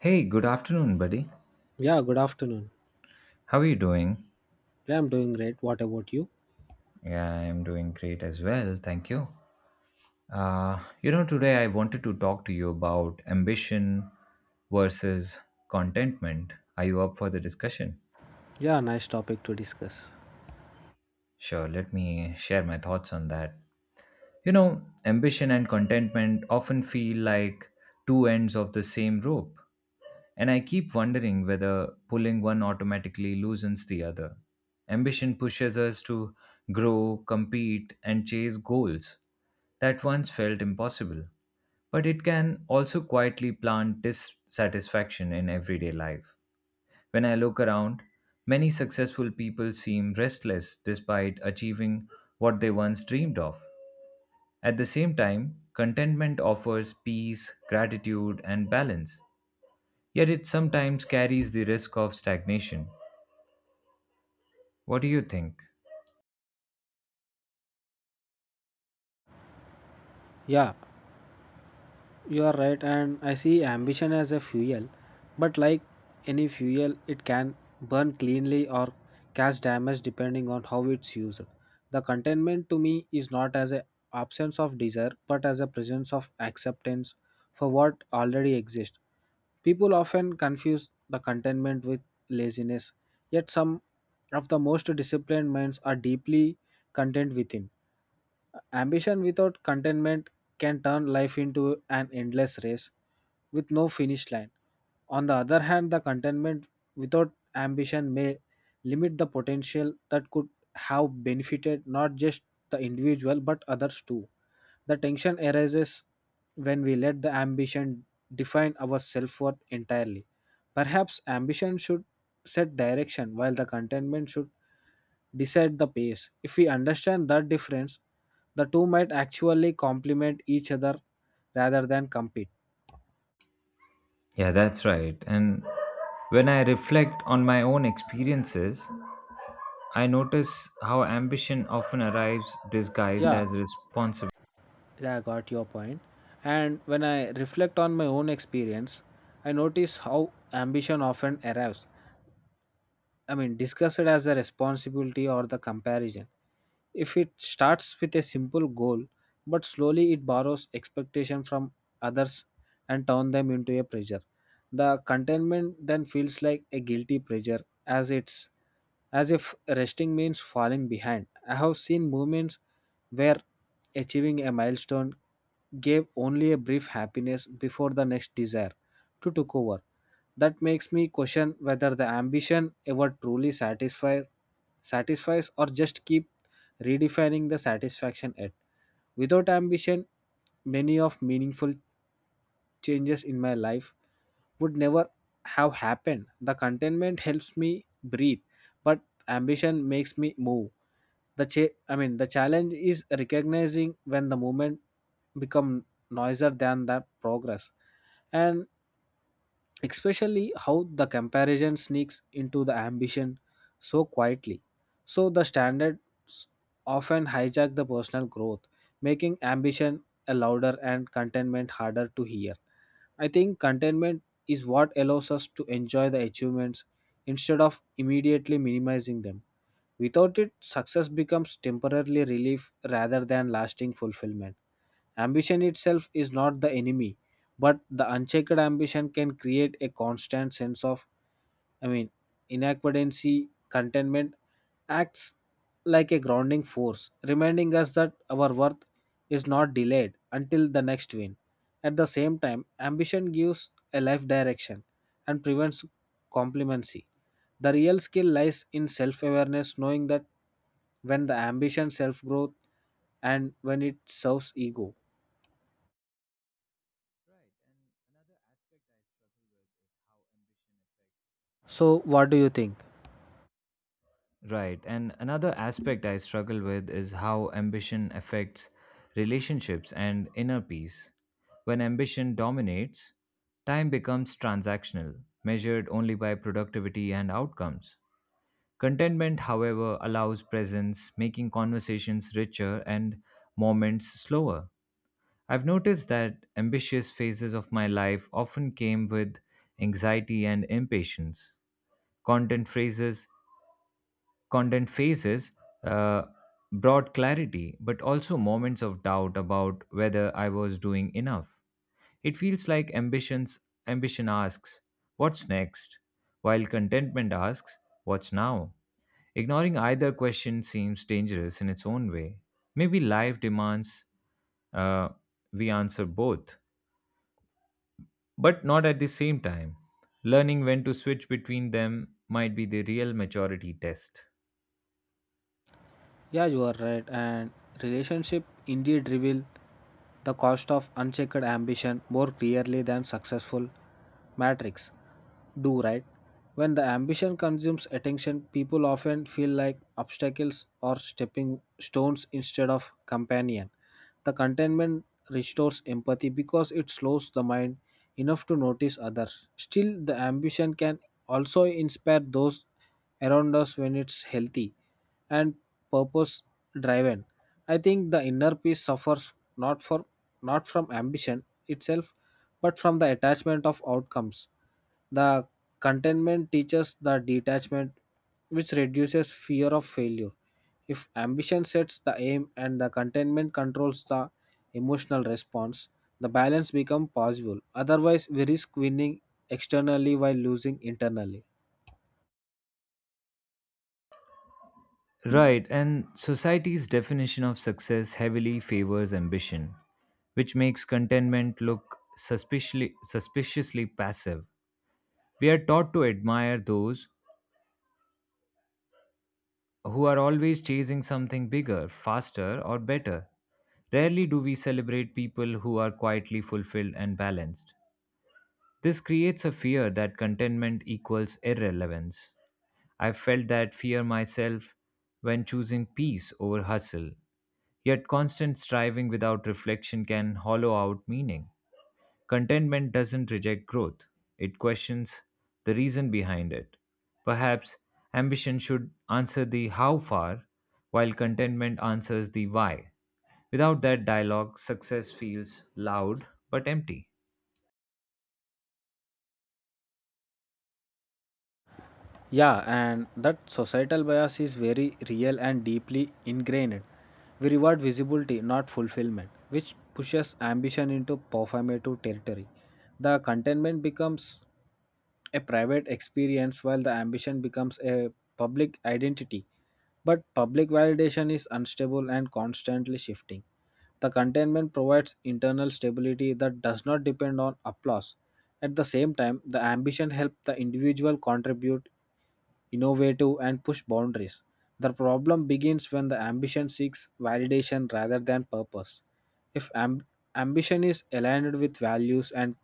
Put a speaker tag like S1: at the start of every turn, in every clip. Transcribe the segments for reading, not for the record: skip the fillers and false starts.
S1: Hey, good afternoon, buddy.
S2: Yeah, good afternoon.
S1: How are you doing?
S2: Yeah, I'm doing great. What about you?
S1: Yeah, I'm doing great as well. Thank you. Today I wanted to talk to you about ambition versus contentment. Are you up for the discussion?
S2: Yeah, nice topic to discuss.
S1: Sure, let me share my thoughts on that. You know, ambition and contentment often feel like two ends of the same rope, and I keep wondering whether pulling one automatically loosens the other. Ambition pushes us to grow, compete, and chase goals that once felt impossible, but it can also quietly plant dissatisfaction in everyday life. When I look around, many successful people seem restless despite achieving what they once dreamed of at the same time, contentment offers peace, gratitude, and balance, yet it sometimes carries the risk of stagnation. What do you think?
S2: Yeah, you are right, and I see ambition as a fuel, but like any fuel, it can burn cleanly or cause damage depending on how it's used. The contentment to me is not as an absence of desire, but as a presence of acceptance for what already exists. People often confuse the contentment with laziness, yet some of the most disciplined minds are deeply content within. Ambition without contentment can turn life into an endless race with no finish line. On the other hand, the contentment without ambition may limit the potential that could have benefited not just the individual but others too. The tension arises when we let the ambition define our self worth entirely. Perhaps ambition should set direction while the contentment should decide the pace. If we understand that difference, the two might actually complement each other rather than compete.
S1: Yeah, that's right. And when I reflect on my own experiences, I notice how ambition often arrives disguised
S2: Yeah,
S1: as responsibility.
S2: yeah, I got your point. And when I reflect on my own experience, I notice how ambition often arrives, I mean, discuss it as a responsibility or the comparison. If it starts with a simple goal, but slowly it borrows expectation from others and turns them into a pressure. The contentment then feels like a guilty pressure as it's as if resting means falling behind. I have seen moments where achieving a milestone gave only a brief happiness before the next desire to took over. That makes me question whether the ambition ever truly satisfies or just keep redefining the satisfaction at. Without ambition, many of meaningful changes in my life would never have happened. The contentment helps me breathe, but ambition makes me move. The I mean the challenge is recognizing when the movement become noisier than the progress. And especially how the comparison sneaks into the ambition so quietly. So the standards often hijack the personal growth, making ambition a louder and contentment harder to hear. I think contentment is what allows us to enjoy the achievements instead of immediately minimizing them. Without it, success becomes temporarily relief rather than lasting fulfillment. Ambition itself is not the enemy, but the unchecked ambition can create a constant sense of, I mean, inadequacy, contentment acts like a grounding force, reminding us that our worth is not delayed until the next win. At the same time, ambition gives a life direction and prevents complacency. The real skill lies in self awareness, knowing that when the ambition self growth and when it serves ego.
S1: Right, and another aspect I've is how ambition affects
S2: So, what
S1: relationships.
S2: do you think?
S1: Right. And another aspect I struggle with is how ambition affects relationships and inner peace. When ambition dominates, time becomes transactional, measured only by productivity and outcomes. Contentment, however, allows presence, making conversations richer and moments slower. I've noticed that ambitious phases of my life often came with anxiety and impatience. Content phrases Content phases uh, brought clarity, but also moments of doubt about whether I was doing enough. It feels like ambition asks, "What's next?" while contentment asks, "What's now?" Ignoring either question seems dangerous in its own way. Maybe life demands uh, we answer both, but not at the same time. Learning when to switch between them might be the real maturity test.
S2: Yeah, you are right. And relationship indeed reveal the cost of unchecked ambition more clearly than successful matrix. Do, right? When the ambition consumes attention, people often feel like obstacles or stepping stones instead of companion. The contentment restores empathy because it slows the mind enough to notice others. Still, the ambition can also inspire those around us when it's healthy and purpose driven. I think the inner peace suffers not from ambition itself but from the attachment of outcomes. The Contentment teaches the detachment, which reduces fear of failure. If ambition sets the aim and the contentment controls the emotional response, the balance becomes possible. Otherwise, we risk winning externally while losing internally.
S1: Right, and society's definition of success heavily favors ambition, which makes contentment look suspiciously passive. We are taught to admire those who are always chasing something bigger, faster, or better. Rarely do we celebrate people who are quietly fulfilled and balanced. This creates a fear that contentment equals irrelevance. I felt that fear myself when choosing peace over hustle. Yet constant striving without reflection can hollow out meaning. Contentment doesn't reject growth, it questions the reason behind it. Perhaps ambition should answer the how far, while contentment answers the why. Without that dialogue, success feels loud but empty.
S2: Yeah, and that societal bias is very real and deeply ingrained. We reward visibility, not fulfillment, which pushes ambition into performative territory. The contentment becomes a private experience while the ambition becomes a public identity. But public validation is unstable and constantly shifting. The containment provides internal stability that does not depend on applause. At the same time, the ambition helps the individual contribute, innovative, and push boundaries. The problem begins when the ambition seeks validation rather than purpose. If amb- ambition is aligned with values and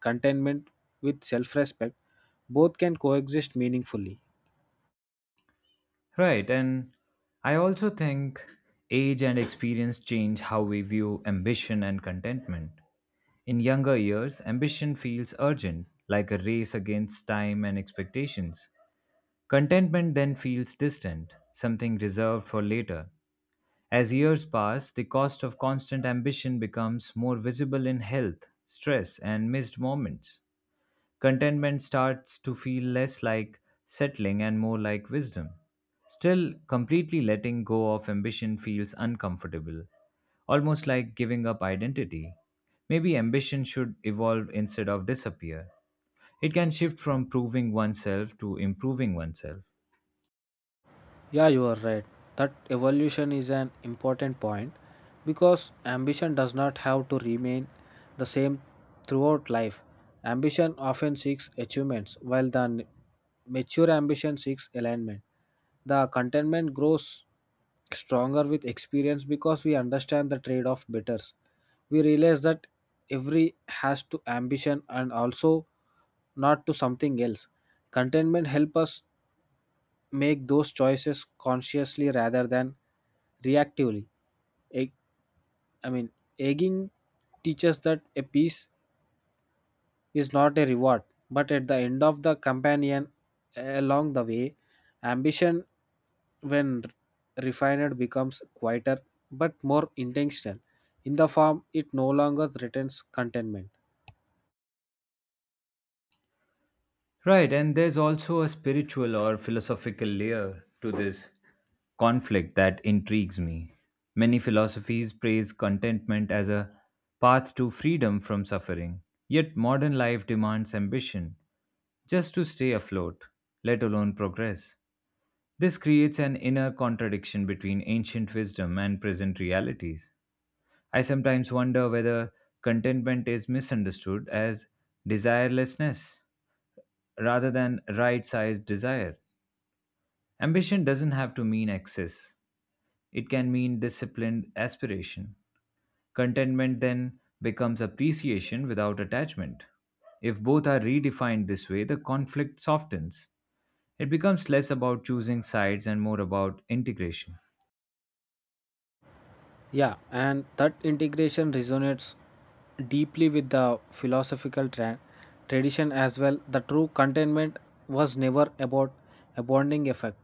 S2: contentment with self respect, both can coexist meaningfully.
S1: Right, and I also think age and experience change how we view ambition and contentment. In younger years, ambition feels urgent, like a race against time and expectations. Contentment then feels distant, something reserved for later. As years pass, the cost of constant ambition becomes more visible in health, stress, and missed moments. Contentment starts to feel less like settling and more like wisdom. Still, completely letting go of ambition feels uncomfortable almost like giving up identity. Maybe ambition should evolve instead of disappear. It can shift from proving oneself to improving oneself.
S2: Yeah, you are right. That evolution is an important point because ambition does not have to remain the same throughout life. Ambition often seeks achievements, while the mature ambition seeks alignment. The contentment grows stronger with experience because we understand the trade off better. We realize that every has to ambition and also not to something else. Contentment help us make those choices consciously rather than reactively. Egg, I mean, egging teaches that a piece is not a reward, but at the end of the companion along the way, ambition, when refined, becomes quieter but more intentional. In the form, it no longer threatens contentment.
S1: Right, and there's also a spiritual or philosophical layer to this conflict that intrigues me. Many philosophies praise contentment as a path to freedom from suffering, yet modern life demands ambition just to stay afloat, let alone progress. This creates an inner contradiction between ancient wisdom and present realities. I sometimes wonder whether contentment is misunderstood as desirelessness rather than right sized desire. Ambition doesn't have to mean excess, it can mean disciplined aspiration. Contentment then becomes appreciation without attachment. If both are redefined this way, the conflict softens. It becomes less about choosing sides and more about integration.
S2: Yeah, and that integration resonates deeply with the philosophical tradition as well. The true contentment was never about a bonding effect,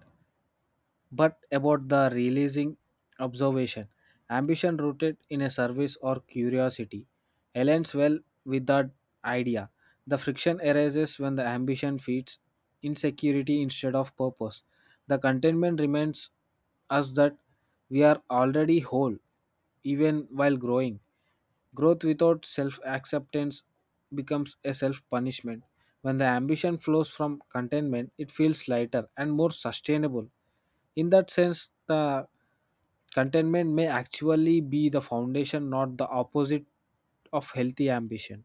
S2: but about the realizing observation. Ambition rooted in a service or curiosity aligns well with that idea. The friction arises when the ambition feeds insecurity instead of purpose. The contentment reminds us that we are already whole, even while growing. Growth without self acceptance becomes a self punishment. When the ambition flows from contentment, it feels lighter and more sustainable. In that sense, the contentment may actually be the foundation, not the opposite of healthy ambition.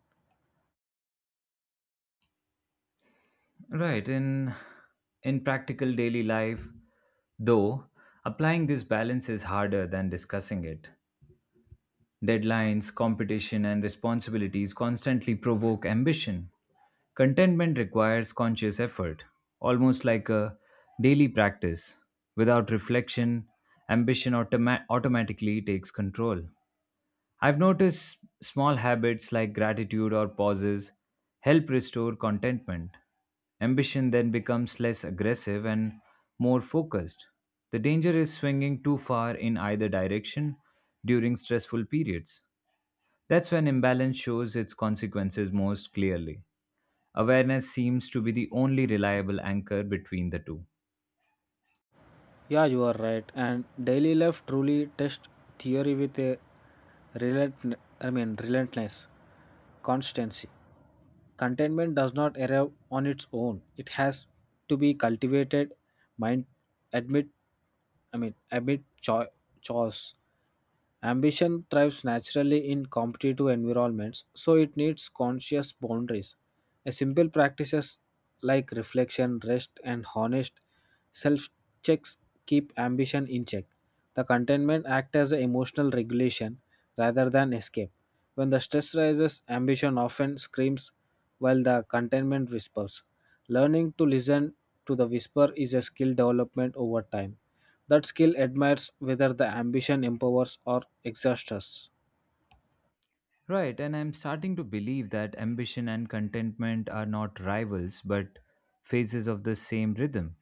S1: Right. In practical daily life, though, applying this balance is harder than discussing it. Deadlines, competition, and responsibilities constantly provoke ambition. Contentment requires conscious effort, almost like a daily practice. Without reflection, automatically takes control. I've noticed small habits like gratitude or pauses help restore contentment. Ambition then becomes less aggressive and more focused. The danger is swinging too far in either direction during stressful periods. That's when imbalance shows its consequences most clearly. Awareness seems to be the only reliable anchor between the two.
S2: Yeah, you are right. And daily life truly tests theory with a relentlessness, constancy. Contentment does not arrive on its own. It has to be cultivated mind admit, admit, cho- chores. Ambition thrives naturally in competitive environments, so it needs conscious boundaries. A simple practices like reflection, rest, and honest self checks keep ambition in check. The contentment acts as an emotional regulation rather than escape. When the stress rises, ambition often screams while the contentment whispers. Learning to listen to the whisper is a skill development over time. That skill admires whether the ambition empowers or exhausts us.
S1: Right, and I'm starting to believe that ambition and contentment are not rivals but phases of the same rhythm.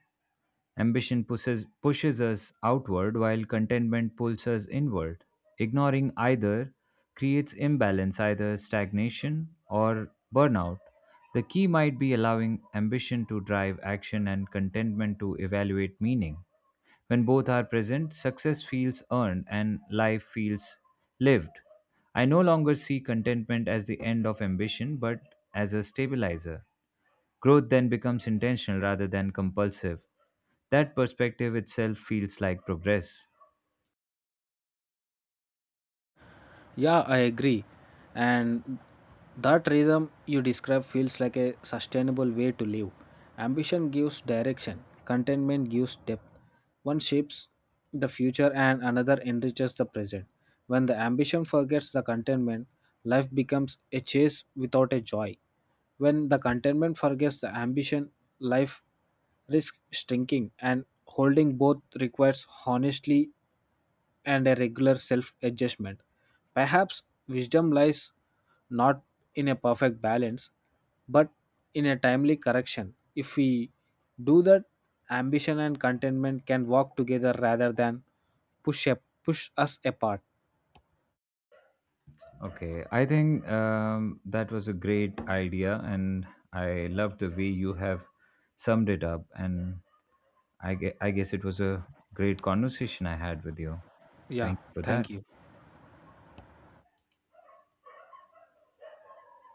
S1: Pushes us outward while contentment pulls us inward. Ignoring either creates imbalance, either stagnation or burnout. The key might be allowing ambition to drive action and contentment to evaluate meaning. When both are present, success feels earned and life feels lived. I no longer see contentment as the end of ambition, but as a stabilizer. Growth then becomes intentional rather than compulsive. That perspective itself feels like progress.
S2: Yeah, I agree. And that rhythm you describe feels like a sustainable way to live. Ambition gives direction, contentment gives depth. One shapes the future and another enriches the present. When the ambition forgets the contentment, life becomes a chase without a joy. When the contentment forgets the ambition, life risks shrinking and holding both requires honestly and a regular self adjustment. Perhaps wisdom lies not in a perfect balance, but in a timely correction. If we do that, ambition and contentment can walk together rather than push, a, push us apart.
S1: Okay, I think that was a great idea, and I love the way you have summed it up. And I guess it was a great conversation I had with you.
S2: Yeah,
S1: Thank you for that.
S2: thank you.